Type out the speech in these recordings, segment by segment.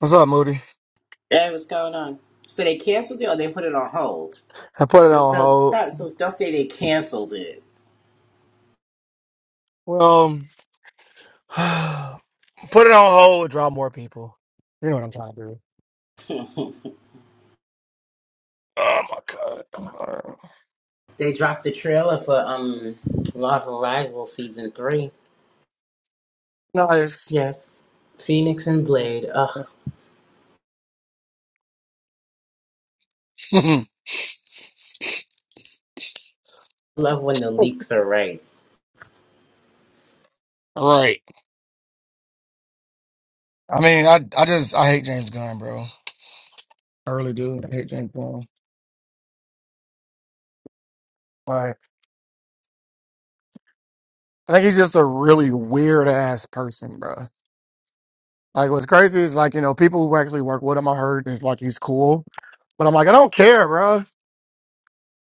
What's up, Moody? That was going on. So they canceled it or they put it on hold. I put it on So hold. stop. So don't say they canceled it. Well, um, put it on hold. Draw more people. You know what I'm trying to do. Oh my god. Uh, They dropped the trailer for um Marvel Rival season three. Nice. Yes, Phoenix and Blade. Ugh, love when the leaks are right. right. I mean, I I just I hate James Gunn, bro. I really do. I hate James Gunn. Like, I think he's just a really weird ass person, bro. Like, what's crazy is like you know people who actually work with him. I heard is like he's cool, but I'm like I don't care, bro.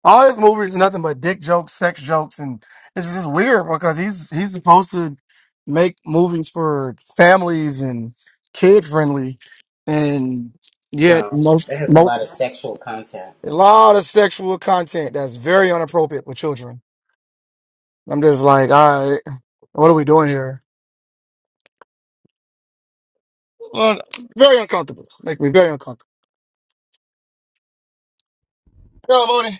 All his movies, nothing but dick jokes, sex jokes, and it's just weird because he's he's supposed to make movies for families and kid friendly, and yet most It has a most lot of sexual content. a lot of sexual content that's very inappropriate with children. I'm just like, all right, what are we doing here? Well, very uncomfortable. Make me very uncomfortable. Yo,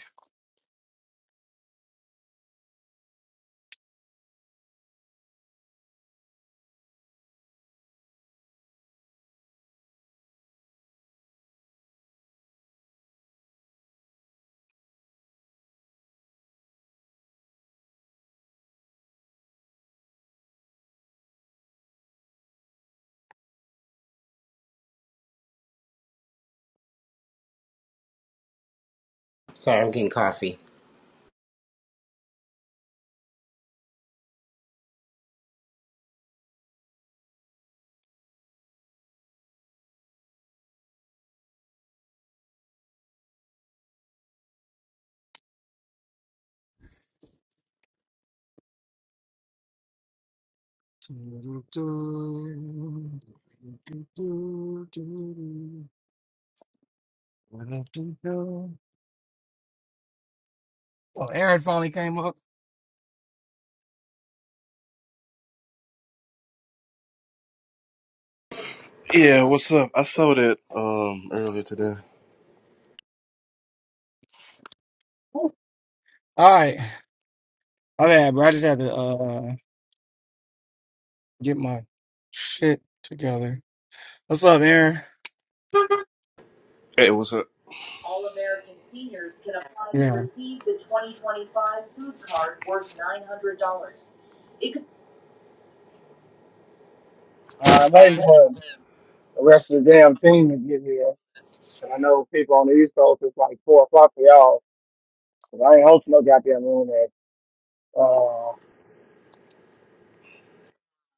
Sorry, I'm getting coffee. Moody. Well, Aaron finally came up. Yeah, what's up? I saw that um earlier today. All right. Okay, bro. I just had to uh get my shit together. What's up, Aaron? Hey, what's up? Yeah. Uh, I'm waiting for the rest of the damn team to get here. And I know people on the East Coast, it's like 4 o'clock for y'all. 'Cause I ain't hosting no goddamn room at uh,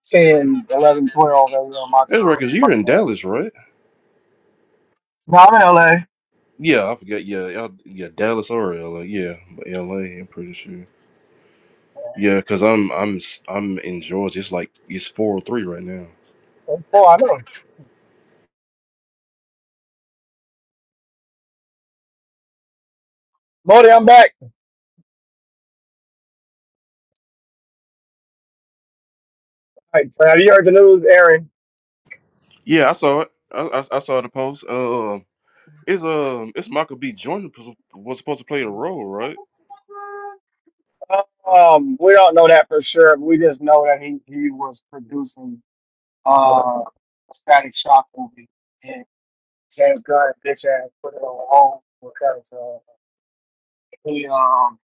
10, 11, 12 every on my That's right, time. cause you're Fuck in that. Dallas, right? No, I'm in LA. Yeah, I forgot. Yeah, y'all, yeah, Dallas or LA. Yeah, L am pretty sure. Uh, Yeah, cause I'm I'm I'm in Georgia. It's like it's four or three right now. it's 4, I know. Modi, I'm back. All right, so have you heard the news, Aaron? Yeah, I saw it. I, I, I saw the post. Um, it's um it's Michael B. Jordan was was supposed to play the role, right? Um, we don't know that for sure. We just know that he, he was producing uh a Static Shock movie, and James Gunn bitch ass put it on hold because uh, he um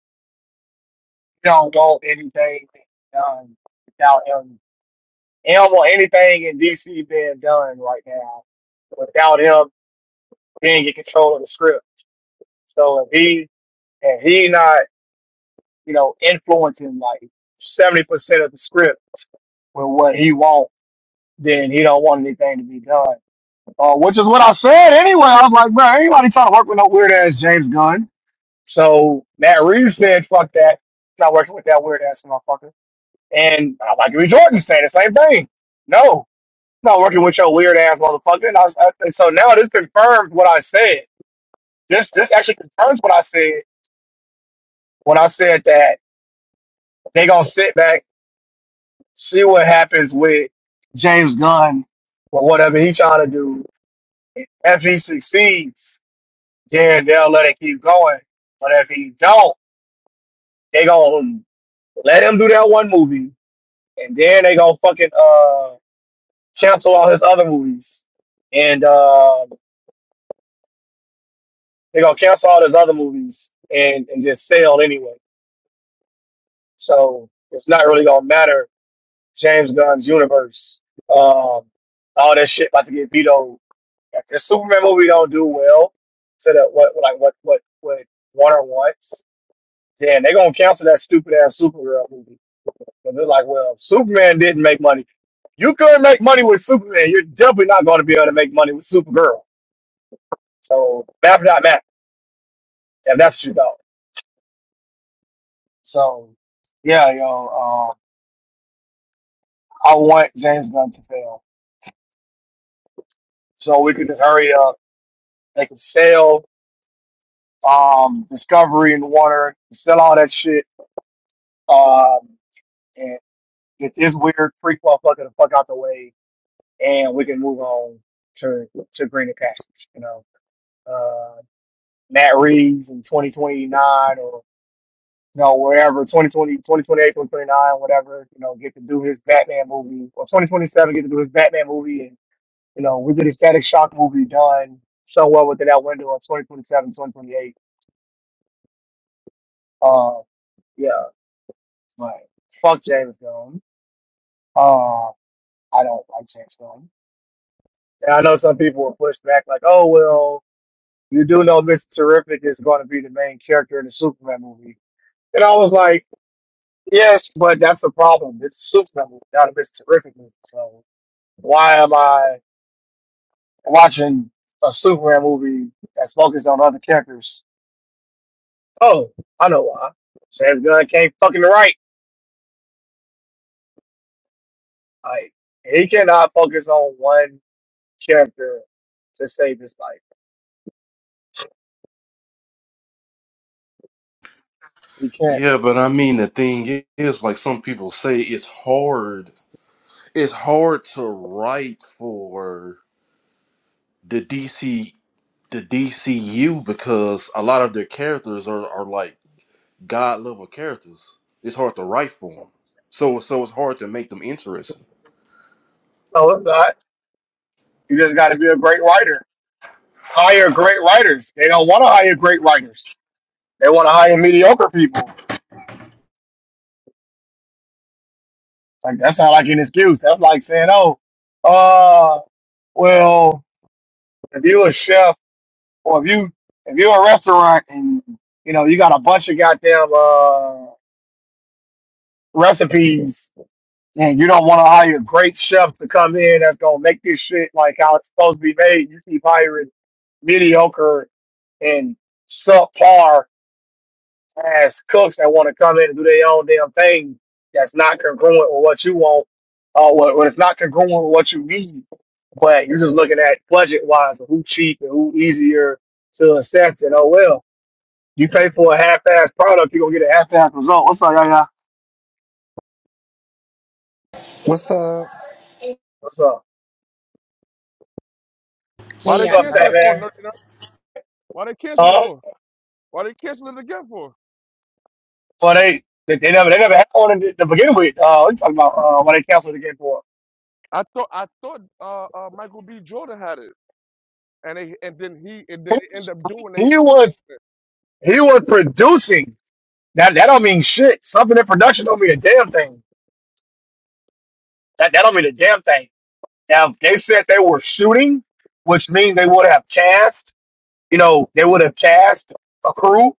he don't want anything done without him. He don't want anything in DC being done right now without him being in control of the script. So if he and he not you know influencing like seventy percent of the script with what he wants then he don't want anything to be done. Uh, which is what I said anyway. I was like, bro, anybody trying to work with no weird ass James Gunn. So Matt Reeves said, fuck that. Not working with that weird ass motherfucker. And uh, Michael B. Jordan saying the same thing. No, not working with your weird ass motherfucker. And I, was- I, and so now this confirms what I said. This this actually confirms what I said when I said that they gonna sit back, see what happens with James Gunn or whatever he's trying to do if he succeeds. then they'll let it keep going. But if he don't, they gonna let him do that one movie, and then they gonna fucking uh cancel all his other movies, and uh, they gonna cancel all his other movies and and just sell anyway. So it's not really gonna matter. James Gunn's universe, um, all that shit about to get vetoed. If the Superman movie don't do well to the what like what what what Warner wants, then they gonna cancel that stupid ass Supergirl movie Because they're like, well, Superman didn't make money. You couldn't make money with Superman. You're definitely not going to be able to make money with Supergirl. So math not math. And that's what you thought. So yeah, yo, um, I want James Gunn to fail. So we could just hurry up. They could sell um, Discovery and Warner, sell all that shit, um, and get this weird prequel fucker the fuck out the way, and we can move on to to greener pastures. You know. Uh, Matt Reeves in 2029 or you know wherever 2020, 2028, 2029, whatever. You know, get to do his Batman movie or 2027 get to do his Batman movie, and you know we get a Static Shock movie done so well within that window of 2027, 2028. Uh, yeah, but fuck James Gunn. Uh, I don't like James Gunn. And I know some people will push back like, oh well, you do know Mr. Terrific is going to be the main character in the Superman movie. And I was like. Yes, but that's a problem. It's Super movie, not a Miss Terrific movie. So why am I watching a Superman movie that's focused on other characters? Oh, I know why. James Gunn can't fucking write. Like he cannot focus on one character to save his life. He can't. Yeah, but I mean the thing is, like some people say, it's hard. It's hard to write for the DC the DCU because a lot of their characters are, are like god level characters. It's hard to write for So, them, so so it's hard to make them interesting. no, it's not. You just got to be a great writer. Hire great writers. They don't want to hire great writers. They want to hire mediocre people. Like that's not like an excuse. That's like saying, oh. uh. Well, if you're a chef or if you if you're a restaurant and you know you got a bunch of goddamn uh, recipes and you don't want to hire a great chef to come in that's gonna make this shit like how it's supposed to be made, you keep hiring mediocre and subpar As cooks that want to come in and do their own damn thing that's not congruent with what you want, uh, what, what it's not congruent with what you need. But you're just looking at budget wise and who cheap and who easier to assess. And oh well, you pay for a half-ass product, you're gonna get a half-ass result. What's up, y'all? y'all? What's up? What's up? Why Hey, they What's yeah, up, cancel that it for? man? No, no. Why they cancel it Huh? for? Why they cancel it again for? Well, they they, they never they never had one in the, to begin with. Uh, we talking about uh, why they canceled the game for. I thought I thought uh, uh, Michael B. Jordan had it, and they and then he and He then they was end up doing they end he up hurting. was he was producing. That that don't mean shit. Something in production don't mean a damn thing. That that don't mean a damn thing. Now if they said they were shooting, which means they would have cast. You know, they would have cast a crew.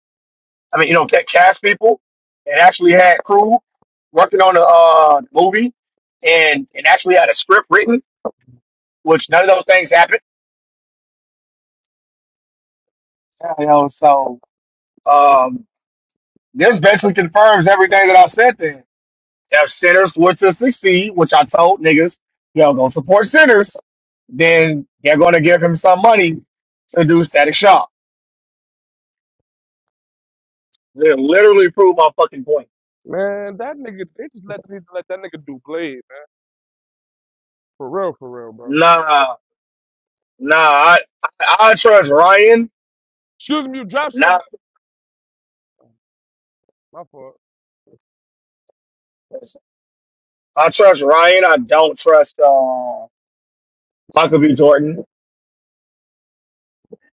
I mean, you know, ca- cast people and actually had crew working on the uh, movie and and actually had a script written, which none of those things happened. You know, so um, this basically confirms everything that I said. then. If sinners were to succeed, which I told niggas, they'll go support sinners, then they're going to give him some money to do static shop. They literally prove my fucking point. man that nigga they just let they let that nigga do Blade man. for real for real bro. Nah, nah, I, I, I trust Ryan. Excuse me, you drop Nah, something. My fault. I trust Ryan. I don't trust uh, Michael B. Jordan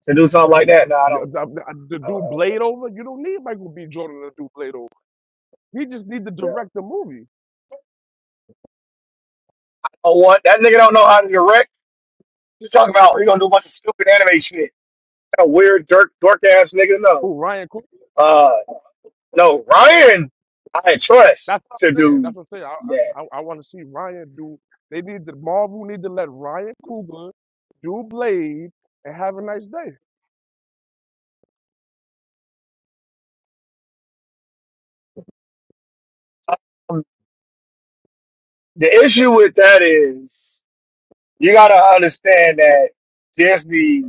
to do something like that. Nah, I Yeah, don't. the, the, the I don't, I dude don't trust. Blade over. You don't need Michael B. Jordan to do Blade over. He just need to Yeah. direct the movie. Oh, what? That nigga don't know how to direct. You talking about you gonna do a bunch of stupid anime shit? That weird, dork, dork ass nigga. No. Who Ryan Coogler? Uh. No, Ryan, I trust That's what I'm to saying. do That's what I'm saying. that. I I, I want to see Ryan do. They need to Marvel need to let Ryan Coogler do Blade and have a nice day. Um, The issue with that is you got to understand that Disney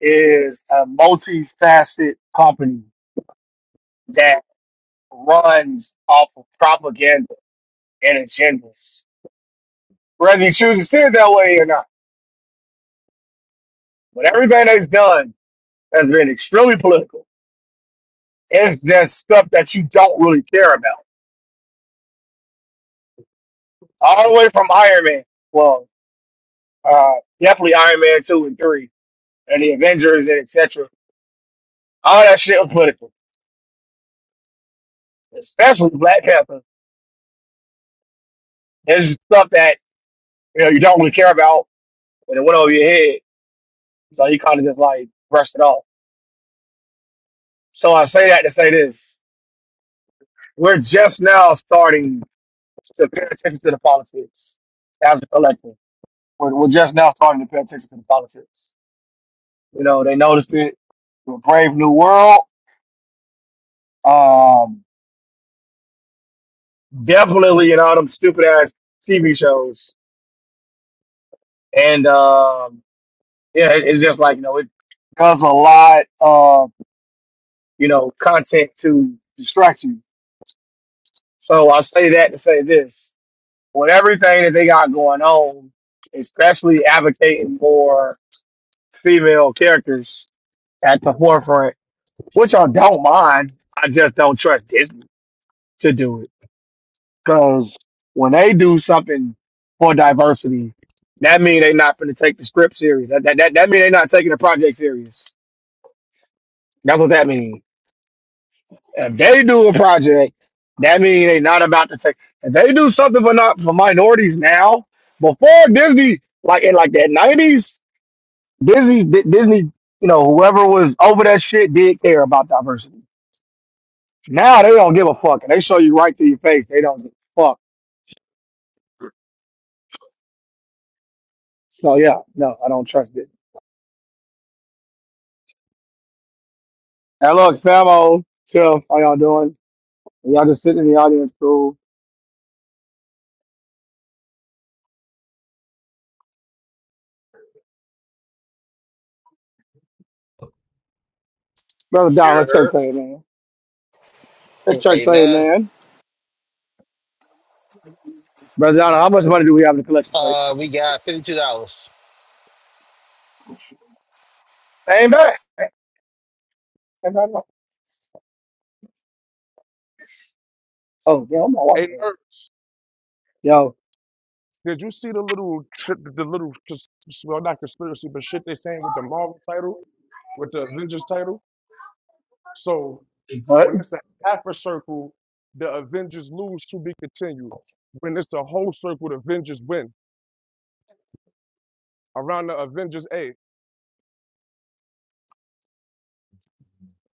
is a multifaceted company that runs off of propaganda and agendas, whether you choose to see it that way or not. But everything that's done has been extremely political. It's just stuff that you don't really care about, all the way from Iron Man. Well, uh, definitely Iron Man two and three and the Avengers and etc. All that shit was political, especially Black Panther. It's stuff that you know you don't really care about, and it went over your head, so you kind of just like brushed it off. So I say that to say this: we're just now starting to pay attention to the politics as a collective. We're, we're just now starting to pay attention to the politics. You know, they noticed it with Brave New World, um, definitely in all them stupid ass TV shows, and. um, yeah, it, it's just like you know, it does a lot of you know content to distract you. So I say that to say this: with everything that they got going on, especially advocating for female characters at the forefront, which I don't mind. I just don't trust Disney to do it because when they do something for diversity, that means they're not going to take the script serious. That that that, that means they're not taking the project serious. That's what that means. If they do a project, that means they not about to take. If they do something for not for minorities now, before Disney, like in like the nineties, Disney, Di- Disney, you know, whoever was over that shit did care about diversity. Now they don't give a fuck, and they show you right through your face. They don't give a fuck. So yeah, no, I don't trust Disney. And look, Famo, Tiff, how y'all doing? Y'all just sitting in the audience, cool. Brother Don, let church Sure. say, it, man. Let church say, it, Amen. man. Brother Don, how much money do we have in the collection plate? Uh, we got fifty-two dollars. Ain't thing. And I know, oh, yeah, I'm all Hey, right. Nurse, Yo, did you see the little tri- the little cons- well not conspiracy but shit they saying with the Marvel title with the Avengers title? So what? when it's a half a circle, the Avengers lose to be continued. When it's a whole circle, the Avengers win around the Avengers A.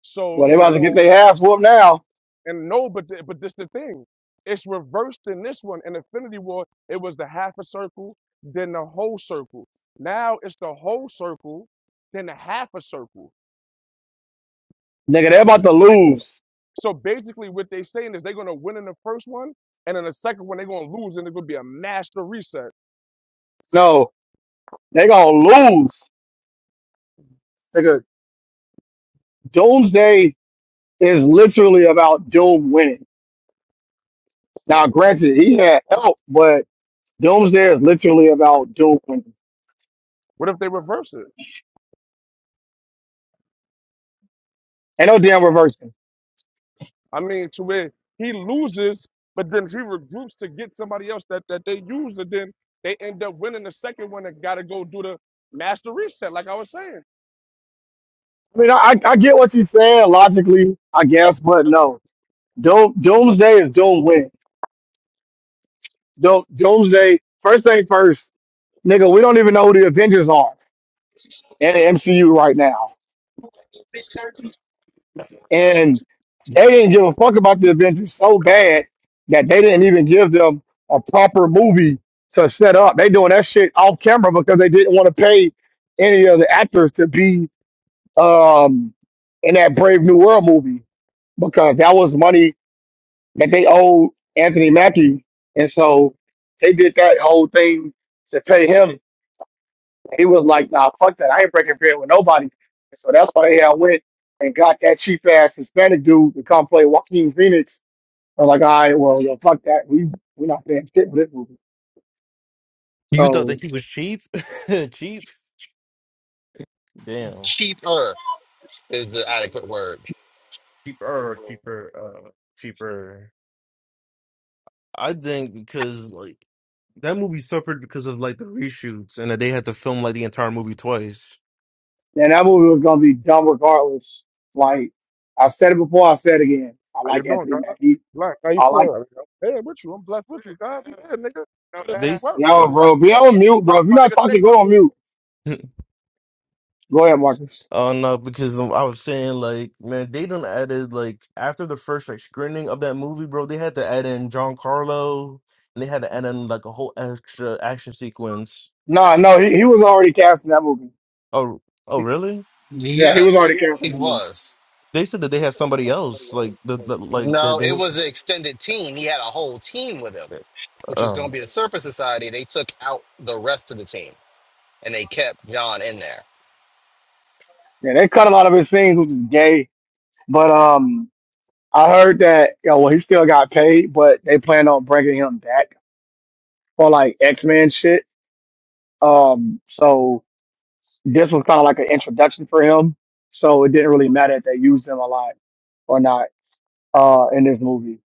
So Well, they in about to get their ass whooped now. And no, but th- but this the thing. It's reversed in this one. In Infinity War, it was the half a circle, then the whole circle. Now it's the whole circle, then the half a circle. Nigga, they about to So lose. so basically what they saying is they're gonna win in the first one, and in the second one they're gonna lose, and it's gonna be a master reset. No, they gonna lose. Nigga, Doomsday is literally about Doom winning. Now, granted, he had help, but Doomsday is literally about Doom winning. What if they reverse it? Ain't no damn reversing. I mean, to where he loses, but then he regroups to get somebody else that, that they use, and then they end up winning the second one and gotta go do the master reset, like I was saying. I mean, I, I get what you're saying logically, I guess, but no. Doom, Doomsday is Doom winning. Doom, Doomsday, first thing first, nigga, we don't even know who the Avengers are. and the MCU right now. And they didn't give a fuck about the Avengers so bad that they didn't even give them a proper movie to set up. They doing that shit off camera because they didn't want to pay any of the actors to be um, in that Brave New World movie because that was money that they owed Anthony Mackie, and so they did that whole thing to pay him He was like, nah, fuck that. I ain't breaking bread with nobody. So that's why they had went and got that cheap ass Hispanic dude to come play Joaquin Phoenix. I was like, all right, well, yo, fuck that. We we're not paying shit for this movie. You thought So that he was cheap? cheap? Damn. Cheaper is the adequate word. Cheaper, cheaper, uh, cheaper. I think because like that movie suffered because of like the reshoots and that they had to film like the entire movie twice. and that movie was gonna be dumb regardless. Like I said it before, I said it again. I How you like doing, Anthony God? Mackie. Black, how you I like feeling? Hey, with you. I'm blessed with you, God. Yeah, nigga. Now, It They ain't worse, yo, nigga. s- bro. That's Be cool. on mute, bro. Lucky, If you're my not nigga. Stay talking, go on mute. Go ahead, Marcus. Oh no, because um, I was saying like, man, they done added like after the first like screening of that movie, bro, they had to add in John Carlo and they had to add in like a whole extra action sequence. Nah, no, he, he was already cast in that movie. Oh, oh, really? Yeah, he was Yes, already cast in he that movie. was. They said that they had somebody else, like the, the like that No, they. it was an extended team. He had a whole team with him, which was going Oh, to be the Surface Society. They took out the rest of the team and they kept John in there. Yeah, they cut a lot of his scenes, which is gay. But um, I heard that you know, well, he still got paid, but they plan on bringing him back for like X Men shit. Um, so this was kind of like an introduction for him. So it didn't really matter if they used him a lot or not uh in this movie.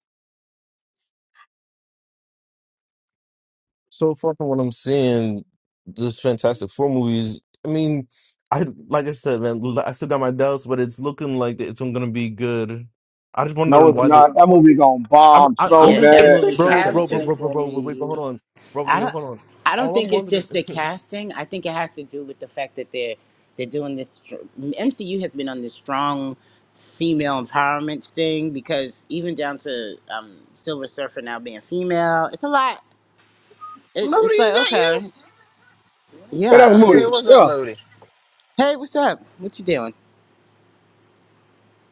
so far from what I'm seeing, this Fantastic Four movies. I mean, I like I said, man, l- I still got my doubts, but it's looking like it's gonna be good. I just No, wondering it's why the not. That movie gonna I'm bomb I, so I'm yeah. just That It's bad. the movie's not bro, gonna bro, bro, do. casting bro, bro, for bro. Wait, wait, but me. hold on, bro, I wait, don't. hold on. I don't All I'm think it's wondering, just the casting. I think it has to do with the fact that they're they're doing this. str- MCU has been on this strong female empowerment thing because even down to um, Silver Surfer now being female, it's a lot. It, Moody, it's is like that you? okay, Yeah, that's a yeah. Hey, movie. what's up, Yeah, Moody? Hey, what's up? What you doing?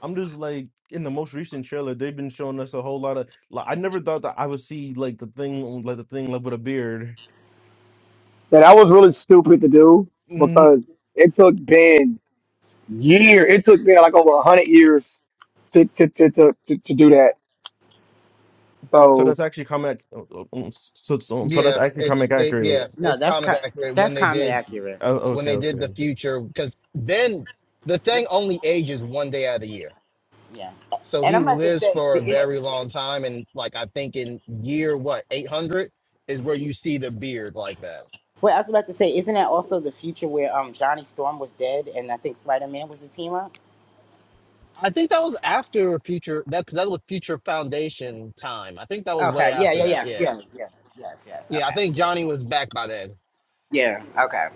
I'm just like in the most recent trailer, they've been showing us a whole lot of. Like, I never thought that I would see like the thing, like the thing, like with a beard. yeah, that was really stupid to do because it took Ben year. It took Ben like over a hundred years to to to to to, to do that. So So. that's actually comic. So, so so that's Yeah, actually it's comic it, yeah, accurate. No, it's that's comic co- accurate when that's they comic did accurate. Oh, when okay, they did the okay. future because then the thing only ages one day out of the year. Yeah. So And he I'm about to lives say, for a is, very long time, and like I think in year what eight hundred is where you see the beard like that. well, I was about to say, isn't that also the future where um Johnny Storm was dead and I think Spider Man was the team up? I think that was after Future. That 'cause that was Future Foundation time. I think that was Okay. way Yeah. after Yeah. that. Yes. Yeah, Yes. Yes. Yes. Yes. yeah. I Okay. think Johnny was back by then. Yeah. Okay.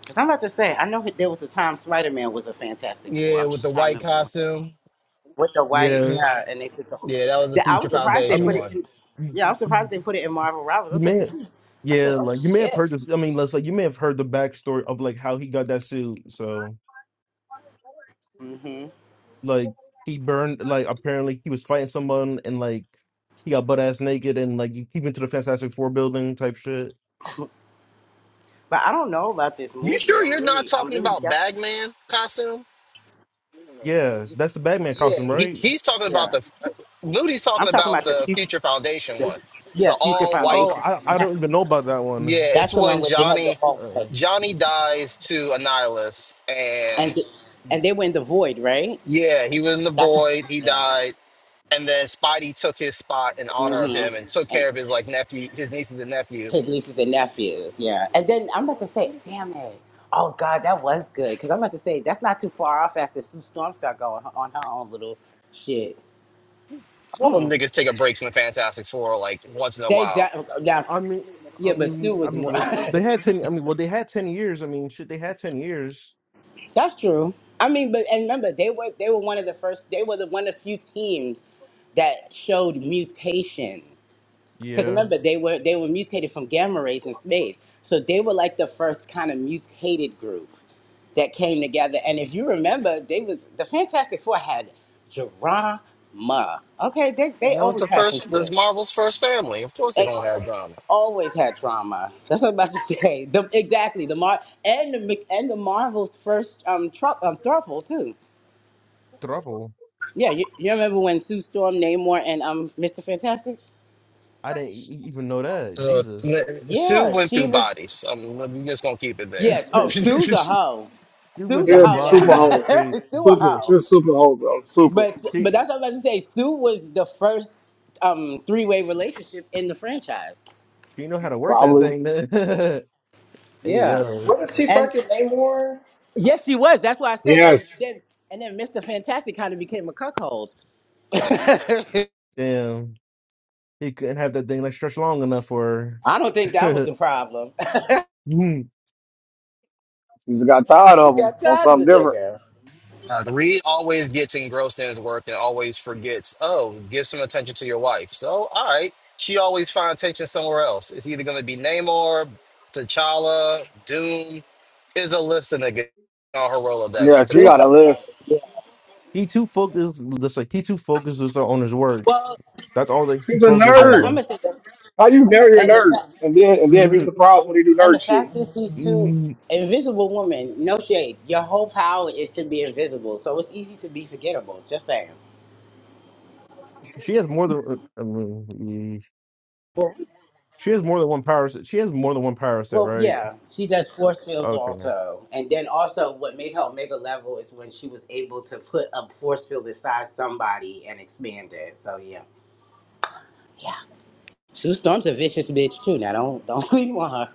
Because I'm about to say, I know there was a time Spider Man was a Fantastic Four. Yeah, I'm with just the trying to white remember when. costume. With the white, Yeah, hmm yeah, and they took the. Yeah, that was the the- I Future was surprised I they Foundation mean, put it one. in. you Yeah, I was surprised they you put it in Marvel Rivals. I said, may, this is. I said, yeah, oh like you may have shit. heard this. I mean, let's like you may have heard the backstory of like how he got that suit. So hmm like he burned like apparently he was fighting someone and like he got butt ass naked and like he went to the Fantastic Four building type shit. But I don't know about this You movie. sure I'm you're not really, I'm talking really about skeptical. Bagman costume? Yeah, that's the Batman Yeah, costume, he, right? he's talking about Yeah. the. Uh, Moody's talking I'm talking about about the the future. Future Foundation The, one. It's an yeah, Future all white. Oh, Foundation. I When they I had- don't even know about that one. Yeah, it's That's the one when where they had the Johnny all white, Johnny dies to Annihilus, and and the, and they were in the void, right? yeah, he was in the That's void. He yeah. died, and then Spidey took his spot in honor of Mm-hmm. him and took And care of his like nephew, his nieces and nephew. his nieces and nephews. Yeah. And then I'm about to say, damn it. Oh God, that was good. Because I'm about to say that's not too far off after Sue Storm started going on her own little shit. All them Mm. niggas take a break from the Fantastic Four like once in a They while. de- now, I mean, I yeah, but mean, Sue I was mean, more. well, they had ten. I mean, well, they had ten years. I mean, shit, they had ten years. that's true. I mean, but and remember, they were they were one of the first. They were the one of the few teams that showed mutation. Because Yeah, remember, they were they were mutated from gamma rays in space, so they were like the first kind of mutated group. that came together. And if you remember, they was the Fantastic Four had drama. Okay, they they And that was always the had some first. This shit. Marvel's first family. Of course, they They gonna have drama. always had drama. That's what I'm about to say. The, exactly the Mar and the Mc- and the Marvel's first um tru- um thruple too. trouble. Yeah, you, you remember when Sue Storm, Namor, and um Mr. Fantastic? I didn't e- e- even know that. Uh, Jesus, Sue Yeah, went through she was. bodies. I'm, I'm just gonna keep it there. you Yes. Oh, Sue's a hoe. went Sue's a Yeah, through hoe now. super bodies. It's hoe. crazy. Sue a Super. hoe. She's super hoe, bro. Super. But but She, that's what I was about to say. Sue was the first um, three way relationship in the franchise. she know how to work that Probably. thing. then. hey Yeah. yo, Wasn't she And fucking Namor? yes, she was. That's what I said. And Yes. then and then Mr. Fantastic kind of became a cuckold. I damn, he couldn't have that thing like stretched long enough for. don't think that was her. the problem. I Hmm. She just got tired of Just him. got Want tired of something the different. nigga. Uh, the Reed always gets engrossed in his work and always forgets, oh, give some attention to your wife. So, all right, she always finds attention somewhere else. It's either going to be Namor, T'Challa, Doom. Is a list of niggas on her Yeah, Rolodex to she There's got a a call. list. list. Yeah. he too focused. Just like he too focuses on his work. Well, That's all that he's He's a focused I'm I'm nerd. on. gonna say that. How you marry a And the nerd? fact And then and then be Mhm. surprised when they do and the nerd shit. fact is these two Mhm. invisible women. No shade. Your whole power is to be invisible, so it's easy to be forgettable. Just saying. She has more than. uh, I mean, She has more than one power set. She has more than one power set, Well, right? yeah, she does force fields Okay. also, and then also what made her omega level is when she was able to put a force field inside somebody and expand it. So yeah, yeah. Sue Storm's a vicious bitch too. Now don't don't sleep on her.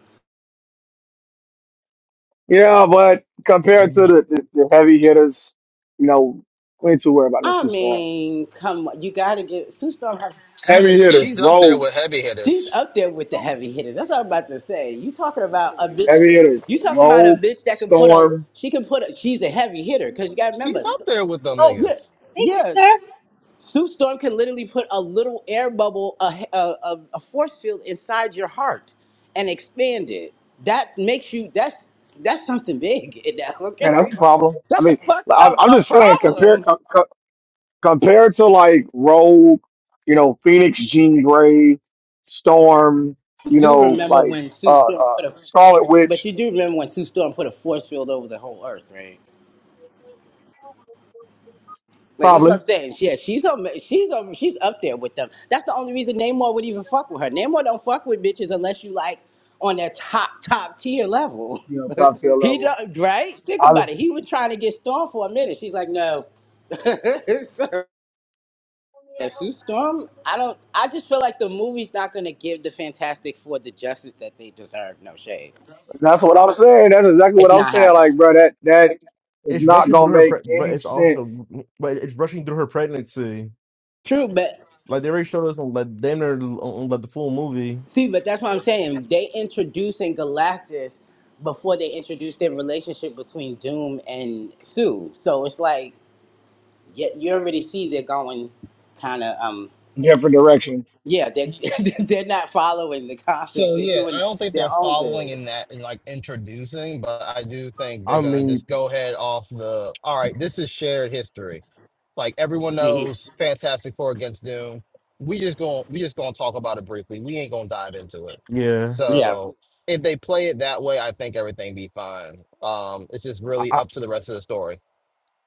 Yeah, but compared to the, the, the heavy hitters, you know, we ain't too worried about no I two storm. mean, come on, you gotta get Sue Storm. has- And Heavy hitters, she's up there rogue. with heavy She's hitters. up there with the heavy hitters. That's what I'm about to say. You talking about a bitch? Heavy hitters, You talking about a rogue, bitch that can put a? storm. She can put a. She's a heavy hitter because you gotta She's remember. up there with them Yeah, niggas. yeah. Sue Storm can literally put a little air bubble, a, a, a, a force field inside your heart and expand it. That makes you, that's that's something big in that, Man, that's okay? a problem. I That's a mean, fuck I'm, of I'm a just saying, compare. problem. compared to like Rogue, you know, Phoenix, Jean Grey, Storm, You you do know, remember like when Sue uh, Storm uh put a, Scarlet but Witch, you do remember when Sue Storm put a force field over the whole earth, right? Like that's what probably, I'm saying. Yeah, she's on, she's on, she's up there with them. That's the only reason Namor would even fuck with her. Namor don't fuck with bitches unless you like on that top top tier level. you know, top tier he level. don't right. Think I, about it. He was trying to get Storm for a minute. She's like, no, yeah, Sue Storm. I don't. I just feel like the movie's not gonna give the Fantastic Four the justice that they deserve. No shade. that's what I'm saying. That's exactly what It's I'm not saying. happening. Like, bro, that that is It's not rushing gonna through her, pre- make but any it's sense. also, but it's rushing through her pregnancy. True, but Like they already showed us on like damn near on on, like the full movie. See, but that's what I'm saying. They introducing Galactus before they introduced their relationship between Doom and Sue. So it's like, yeah, you already see they're going kind of, um, in Different direction. yeah, they're, they're not following the comics. So They're yeah, I doing don't think they're their own following thing. in that and like introducing, but I do think they're I gonna mean, just go ahead off the all right, this is shared history. Like everyone hmm knows Fantastic Four against Doom. We just gonna we just gonna talk about it briefly. We ain't gonna dive into it. yeah. Yeah. So if they play it that way, I think everything be fine. Um, it's just I really I, up to the rest of the story.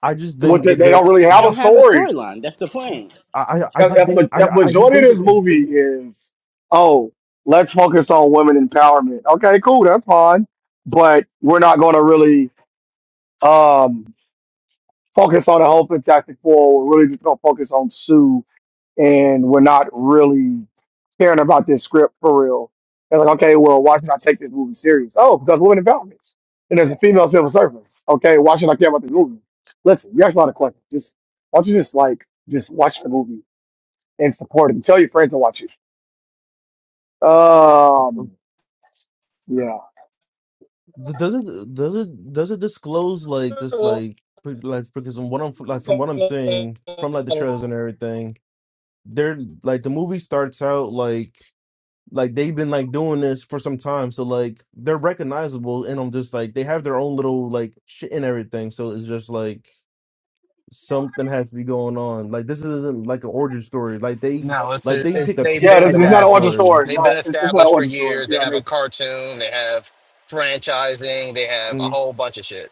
I just What think they, that they don't there's. really They have a don't have a story. storyline. That's the point. I I I If, just if, think the- I if I I just majority of think this that movie is, oh, let's focus on women empowerment. Okay, cool, that's fine. But we're not gonna really Um, focus on the whole Fantastic Four. We're really just gonna focus on Sue, and we're not really caring about this script for real. And like, okay, well, why should I take this movie serious? Oh, because women development, and there's a female civil servant. Okay, why should I care about this movie? Listen, you guys are not a collector. Just why don't you just like just watch the movie and support it and tell your friends to watch it. uh, Um, yeah, does it does it does it disclose like this like pre- like because from what I'm like from what I'm seeing from like the trailers and everything. They're like the movie starts out like. Like they've been like doing this for some time, so like they're recognizable, and I'm just like they have their own little like shit and everything. So it's just like something has to be going on. Like this isn't like an origin story. Like they No, it's like they it's take a they've peek yeah, been this, at this the is not an origin origin established. story. story. They've No, been it's, it's not an established for origin story. years. They Yeah, have a they, cartoon. They have franchising. They have a Mm. whole bunch of shit.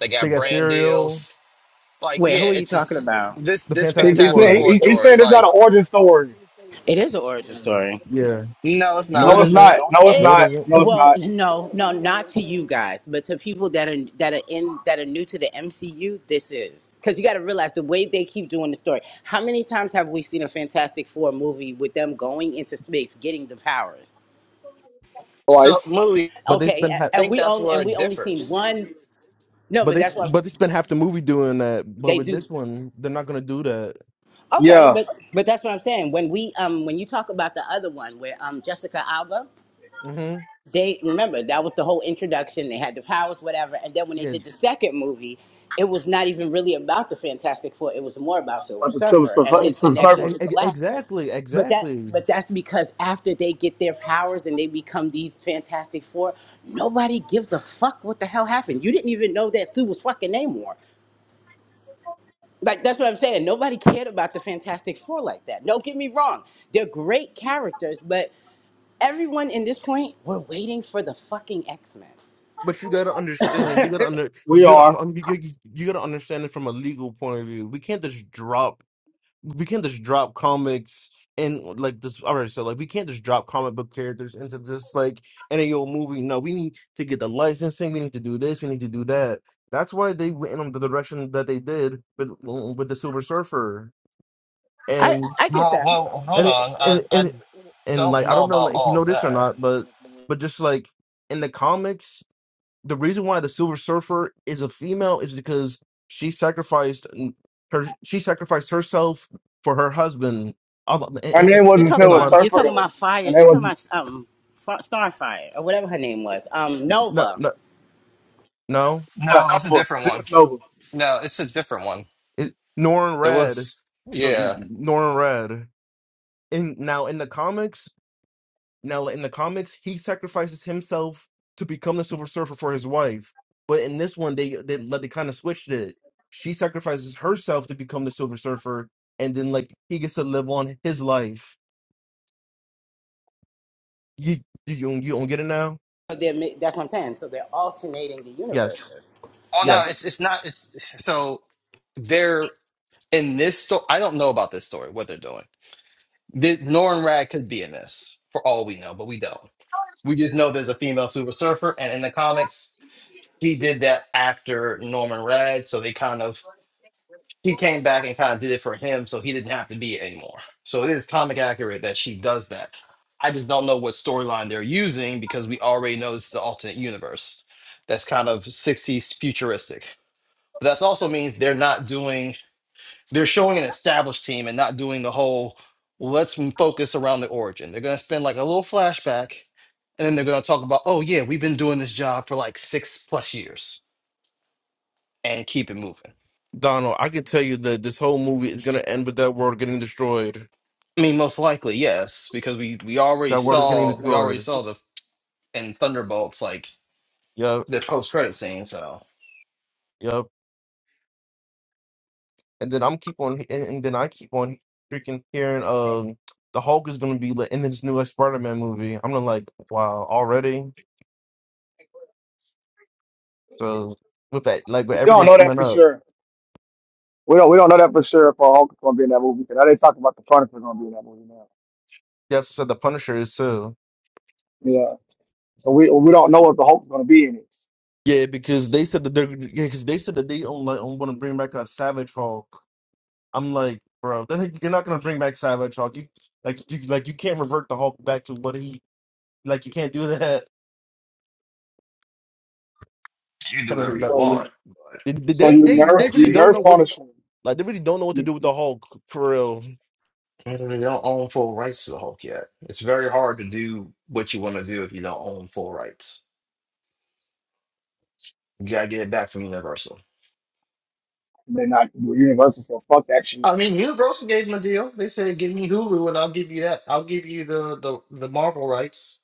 They They got got brand cereal, deals. Like, Wait, yeah, who are you it's just talking about? this the this he, Fantastic he's Fantastic saying Four. Four he, he's story. saying it's not Like, an origin story. It is an origin story. Yeah, no, it's no, No, it not. it's isn't. not. No, it's No, it not. It, isn't. No, it's well, not. no, no, not to you guys, but to people that are that are in that are new to the MCU. This is because you got to realize the way they keep doing the story. How many times have we seen a Fantastic Four movie with them going into space, getting the powers? So, Twice. movie. But they Okay, spend half. I a- and think we that's only where and it we only seen differs. one. No, But but they that's what but they spend half the movie doing that. But they with do. this one, they're not gonna do that. Okay, Yeah, but but that's what I'm saying. When we um when you talk about the other one where um Jessica Alba. hmm they remember that was the whole introduction. They had the powers, whatever. And then when they Yeah. did the second movie, it was not even really about the Fantastic Four. It was more about Silver but the Silver, Surfer and Surfer- his Silver Uh, connection Surfer. e- to e- Galactus. Exactly. But that, Exactly. but that's because after they get their powers and they become these Fantastic Four, nobody gives a fuck what the hell happened. You didn't even know that Sue was fucking Namor. Like that's what I'm saying. Nobody cared about the Fantastic Four like that. Don't get me wrong; they're great characters, but everyone in this point, we're waiting for the fucking X Men. But you gotta understand. You gotta under. We You gotta. are. un- You, you, you gotta understand it from a legal point of view. We can't just drop. We can't just drop comics and like this. All right, so like we can't just drop comic book characters into this like any old movie. No, we need to get the licensing. We need to do this. We need to do that. That's why they went in the direction that they did with with the Silver Surfer I and I get Well, that. well, hold and it, on. I and I and and like don't I know don't know about like, if you all know this or that. not, but but just like in the comics the reason why the Silver Surfer is a female is because she sacrificed n- her. She sacrificed herself for her husband. A lo- And Her and- name You're wasn't the talking and a Silver lot about of you're Surfer talking though. about Her fire. name You're talking was about um Fa- Starfire or whatever her name was. Um no, Nova. no, no. uh, No, it's a Nova. different It one. is Nova. No, it's a different one. It, Norrin There Red, was no, yeah. Norrin Red. And now in the comics, now in the comics, he sacrifices himself to become the Silver Surfer for his wife. But in this one, they they like, they kind of switched it. She sacrifices herself to become the Silver Surfer, and then like he gets to live on his life You you you don't get it now, So they're ma- that's what I'm saying. So they're alternating the Yes. universes. Oh no, That's Yes. it's it's not. It's so they're in this story. I don't know about this story. What they're doing. The, Norn Rad could be in this for all we know, but we don't. We just know there's a female Super Surfer, and in the comics, she did that after Norman Rad, so they kind of she came back and kind of did it for him, so he didn't have to be it anymore. So it is comic accurate that she does that. I just don't know what storyline they're using because we already know this is an alternate universe that's kind of 60s futuristic that also means they're not doing, they're showing an established team and not doing the whole, let's m- focus around the origin. They're going to spend like a little flashback and then they're going to talk about, oh, yeah, we've been doing this job for like six plus years and keep it moving. Donald. I can tell you that this whole movie is gonna end with that world getting destroyed. I mean, most likely, yes, because we we already That world is getting saw we already destroyed. saw the in Thunderbolts like Yep. the post credit scene. So Yep. And then I'm keep on, and, and then I keep on freaking hearing, um, the Hulk is gonna be like in this new Spider-Man movie. I'm gonna like, wow, already. So with that, like with We don't everything know that coming for up, sure. We don't. We don't know that for sure if uh, Hulk is going to be in that movie. 'Cause Now they talk about the Chronicles going to be in that movie now. yes, said the Punisher is too. Yeah. So we we don't know if the Hulk's going to be in it. Yeah, because they said that they're because they said that they don't like don't want to bring back a Savage Hulk. I'm like, bro, I think you're not gonna bring back Savage Hulk. You like you like you can't revert the Hulk back to what he like. You can't do that. you can do Kind of whatever you like- So you want, but They, so you they they nerf they we'll you really don't nerf see. know what on the like they really don't know what to do with the Hulk for real. And They don't own full rights to the Hulk yet. It's very hard to do what you want to do if you don't own full rights. You gotta get it back from Universal. They're not Universal. So fuck that shit. I mean, Universal gave them a deal. They said, "Give me Hulu, and I'll give you that. I'll give you the the the Marvel rights."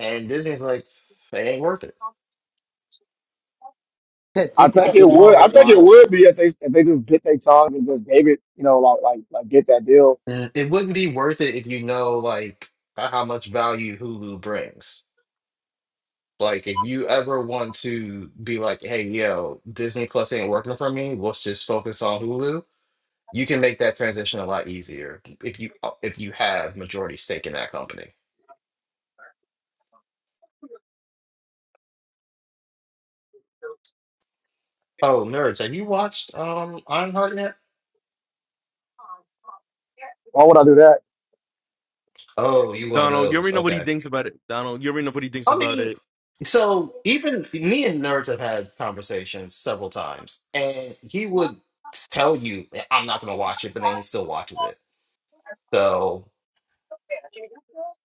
And Disney's like, "It ain't worth it. because I Disney can think do it would. more I with think it Marvel. would be if they if they just bit their tongue and just gave it, you know, like like like get that deal. Uh, It wouldn't be worth it if you know like how much value Hulu brings. Like, if you ever want to be like, hey, yo, Disney Plus ain't working for me. Let's just focus on Hulu." You can make that transition a lot easier if you if you have majority stake in that company. Oh, nerds, have you watched um Ironheart yet? Why would I do that? Oh, you one of Donald, you those. already know what he Okay. thinks about it. Donald, you already know what he thinks I about mean, it. so even me and nerds have had conversations several times, and he would tell you, "Eh, "I'm not going to watch it," but then he still watches it. So,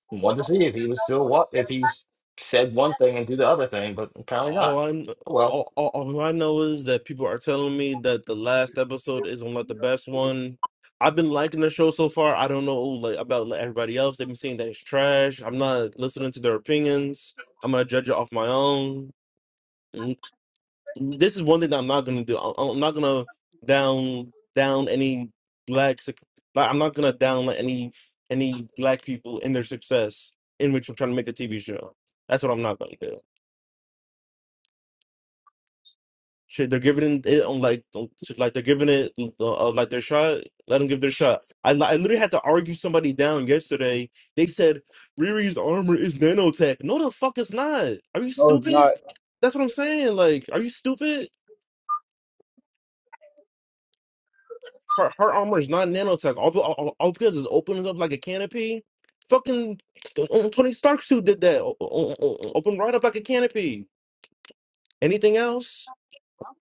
wanted to see if he was still what if he's said one thing and do the other thing, but apparently All not. I kn- Oh, Well, all, all, all I know is that people are telling me that the last episode isn't like the best one. I've been liking the show so far. I don't know like about like, everybody else. They've been saying that it's trash. I'm not listening to their opinions. I'm gonna judge it off my own. Mm, This is one thing that I'm not gonna do. I- I'm not gonna down down any black. suc- like, I'm not gonna down like, any any black people in their success in which I'm trying to make a TV show. That's what I'm not gonna do. Shit, they're giving it on like shit, like they're giving it uh, uh, like their shot. Let them give their shot. I li- I literally had to argue somebody down yesterday. They said Riri's armor is nanotech. No, the fuck it's not. Are you No, it's not. stupid? That's what I'm saying. Like, are you stupid? Her her armor is not nanotech. All, be- all, all because it's opening up like a canopy. Fucking uh, uh, Tony Stark suit did that. O- o- o- Open right up like a canopy. Anything else?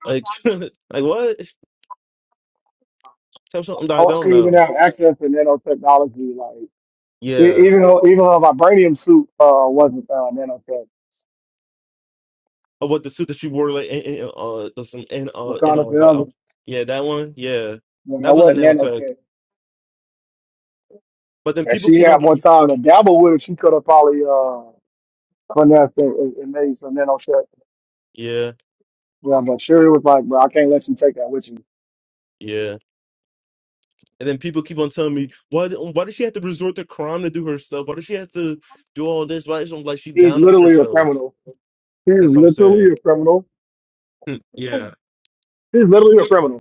Like, like what? Tell me something that I I want don't you to even know. have access to nanotechnology. Like Yeah. e- even though even though my vibranium suit uh wasn't uh, nanotech, of what the suit that she wore like in, in uh the- some in uh in uh Wakanda like Forever, uh, yeah that one yeah when I that was a wasn't nail tag. nanotech, But then and people she keep on had more time to dabble with it, she could have probably uh finessed and, and and made some nanotech. yeah Yeah, but Shuri was like, bro, I can't let you take that with you. yeah, and then people keep on telling me why d- why does she have to resort to crime to do her stuff? Why does she have to do all this? Why is it like she He's down up literally a herself? criminal. He's That's what I'm literally saying. a criminal. Hmm, yeah, He's literally a you criminal.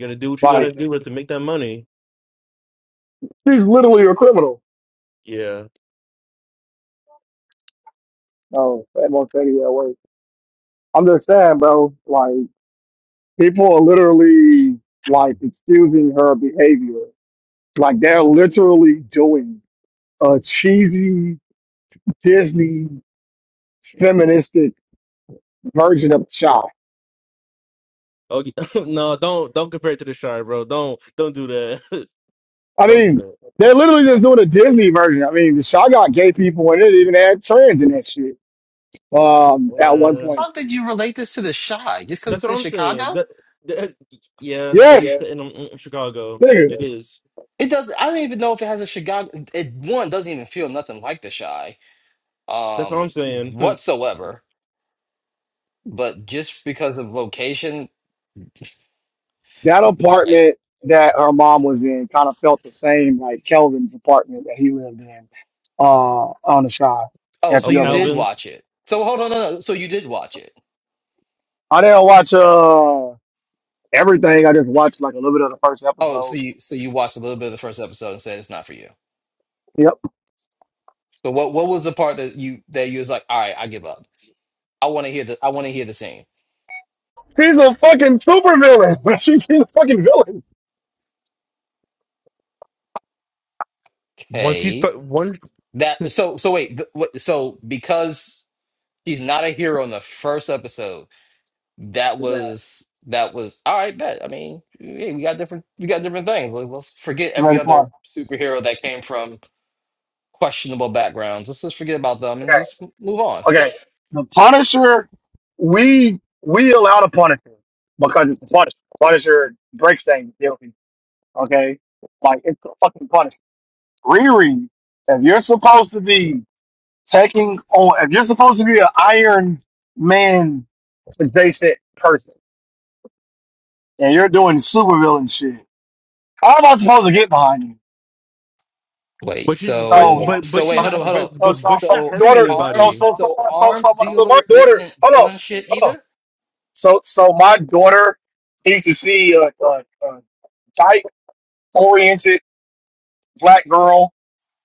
gotta do what you gotta Like do to make that money. she's literally a criminal. Yeah. No, that won't take it that way. I'm just saying, bro. Like people are literally like excusing her behavior. Like they're literally doing a cheesy Disney feministic version of Shy. Oh no, don't don't compare it to the shy, bro. Don't don't do that. I don't do mean, they're literally just doing a Disney version. I mean, the Shy got gay people in it, even had trans in that shit. Um, at one that. point. something you relate this to the shy just because That's it's what in I'm saying. Chicago. That, that yeah, it Yes, is set in um, um, Chicago. nigga. It is. It doesn't. I don't even know if it has a Chicago. It one doesn't even feel nothing like the shy, That's what I'm um, saying. whatsoever. but just because of location, that I apartment that her mom was in kind of felt the same like Kelvin's apartment that he lived in uh on the side oh, at so oh, the you other did one. watch Calvin's. it. So hold on, no, no. So you did watch it. I didn't watch uh everything. I just watched like a little bit of the first Oh, so episode. you so you watched a little bit of the first episode and said it's not for you. Yep. So what what was the part that you that you was like, all right, I give up. I want to hear the I want to hear the scene. She's a fucking supervillain. she's, she's a fucking villain. Once he's Okay, but one, that so so wait, th- what, so because he's not a hero in the first episode, that Do that. was that was all right. Bet I mean, hey, we got different we got different things. Like, let's forget every Right, come other on. superhero that came from. questionable backgrounds. Let's just forget about them and Okay. just move on. Okay. The Punisher, we we allow the Punisher because it's the Punisher. Punisher breaks things, guilty. Okay. Like it's the fucking Punisher. Riri, if you're supposed to be taking on, if you're supposed to be an Iron Man adjacent person, and you're doing supervillain shit, how am I supposed to get behind you? Wait, but she's but so So, but but so she's wait, so, hold not my- up, hold but up. so, but so, but she's so not my So hurting daughter, so, arms, anybody. so, so, so so, so, arms so my, so my dealer daughter, isn't hold on, villain shit hold on. either. So, so my daughter needs to see a, a, a type-oriented black girl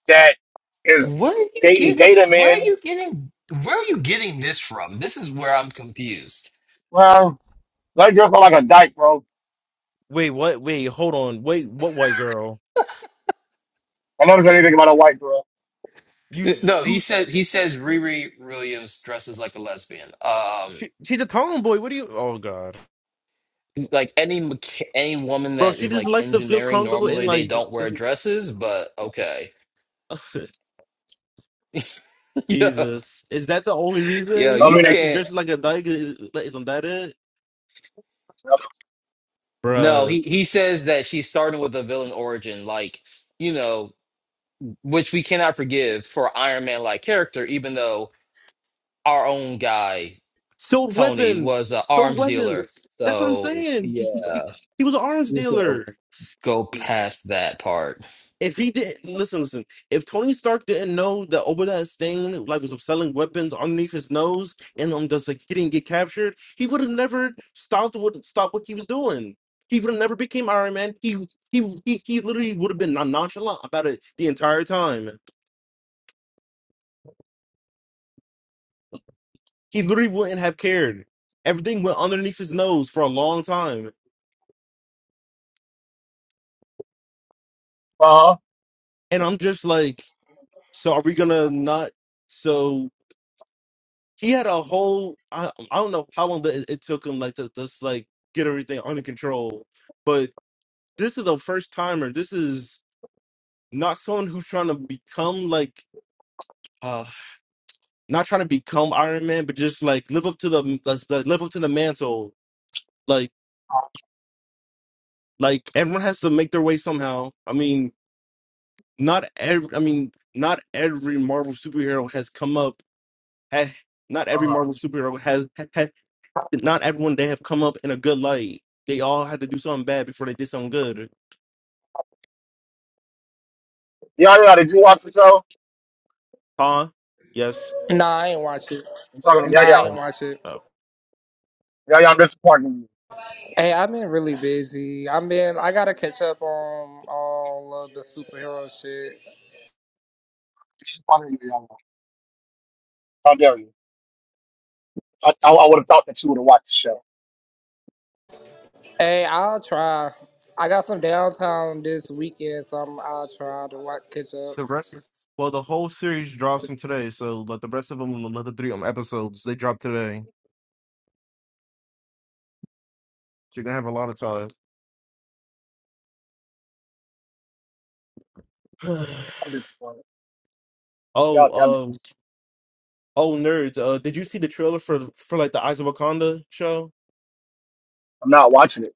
that is Where are you dating getting? data Where are men. you getting? Where are you getting this from? This is where I'm confused. Well, that girl's not like a dyke, bro Wait, what? Wait, hold on. Wait, what white girl? I noticed anything about a white girl. Uh, You No, he who? said he says Riri Williams dresses like a lesbian. Um, She, she's a tomboy. What do you? Oh God, like any mecha- any woman bro. that She is just like likes to feel engineering, comfortable in normally they like. don't wear dresses, but okay. yeah, Jesus, is that the only yeah, reason Don't you mean they that picked she can't. dresses like a dyke? Is, is that it, up No, Bruh. he, he says that she's starting with a villain origin, like, you know, which we cannot forgive for Iron Man like character, even though our own guy, Sold Tony, weapons. was an Sold arms dealer. weapons. That's what I'm So, saying. yeah, He, he, he was an arms we're just gonna dealer. go past that part. If he didn't listen, listen. If Tony Stark didn't know that Obadiah Stane like was selling weapons underneath his nose and um, just like he didn't get captured, he would have never stopped what stopped what he was doing. He would have never became Iron Man. He he he, he literally would have been non- nonchalant about it the entire time. He literally wouldn't have cared. Everything went underneath his nose for a long time, for her. and I'm just like. So are we gonna not? So he had a whole. I, I don't know how long the, it took him like to just like get everything under control, but this is a first timer. This is not someone who's trying to become like uh not trying to become Iron Man, but just like live up to the let's- uh, live up to the mantle. Like like everyone has to make their way somehow. I mean, not every. I mean, not every Marvel superhero has come up. ha- Not every Uh-huh. Marvel superhero has not everyone they have come up in a good light. They all had to do something bad before they did something good. Yaya, did you watch the show? Huh? Yes. Nah, I ain't watch it. I'm talking to Nah, Yaya. I ain't So, watch it. oh. Yaya, I'm disappointed in you. Hey, I've been really busy. I've been. I gotta catch up on all of the superhero shit. Disappointed in you, Yaya. How dare you? I, I, I would have thought that you would have watched the show. Hey, I'll try. I got some downtime this weekend, so I'm, I'll try to watch catch up. The rest, well, the whole series drops from today, so like the rest of them, another three um, episodes, they drop today. So you're gonna have a lot of time. I'm disappointed. Y'all oh, um, dumbass. oh, nerds, uh, did you see the trailer for for like the Eyes of Wakanda show? I'm not watching it.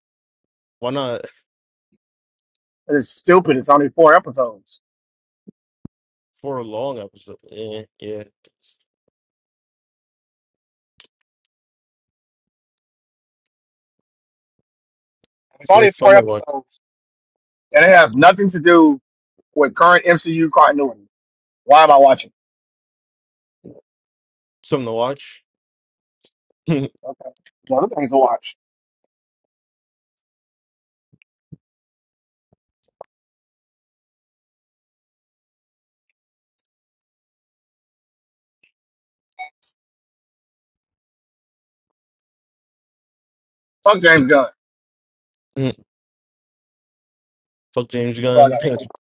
Why not It's stupid. It's only four episodes. for a long episode? Yeah, yeah. It's So only it's fun four to watch. episodes, and it has nothing to do with current MCU continuity. Why am I watching? Something to watch. Okay. No, the thing's to watch. Fuck James Gunn. Fuck James That's all I got. Gunn. to say.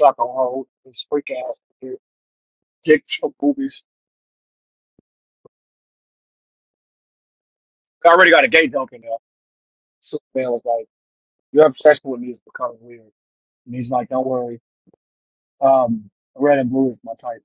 Fuck on hold. This freak ass dude. dick choke movies. I already got a gay joke in there. Superman was like, "Your obsession with me is becoming weird," and he's like, "Don't worry. Um, red and blue is my type."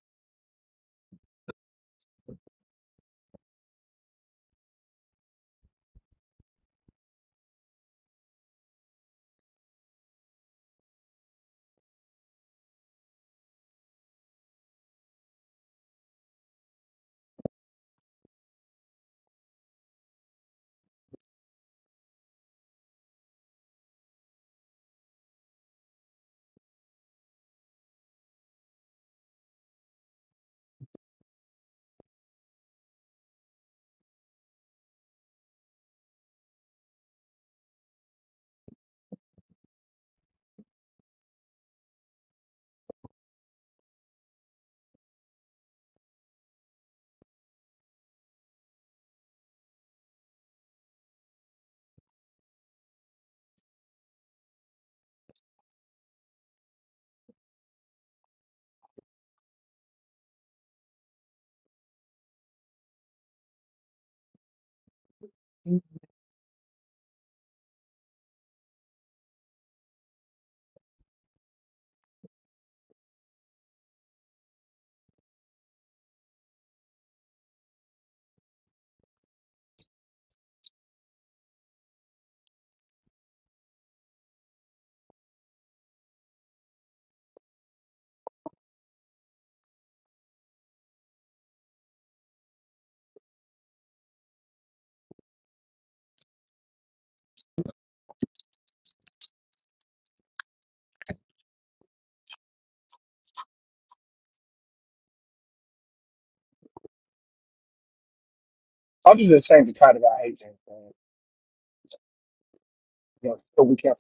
I'm just ashamed to try to I hate James Gunn. You know, but we can't.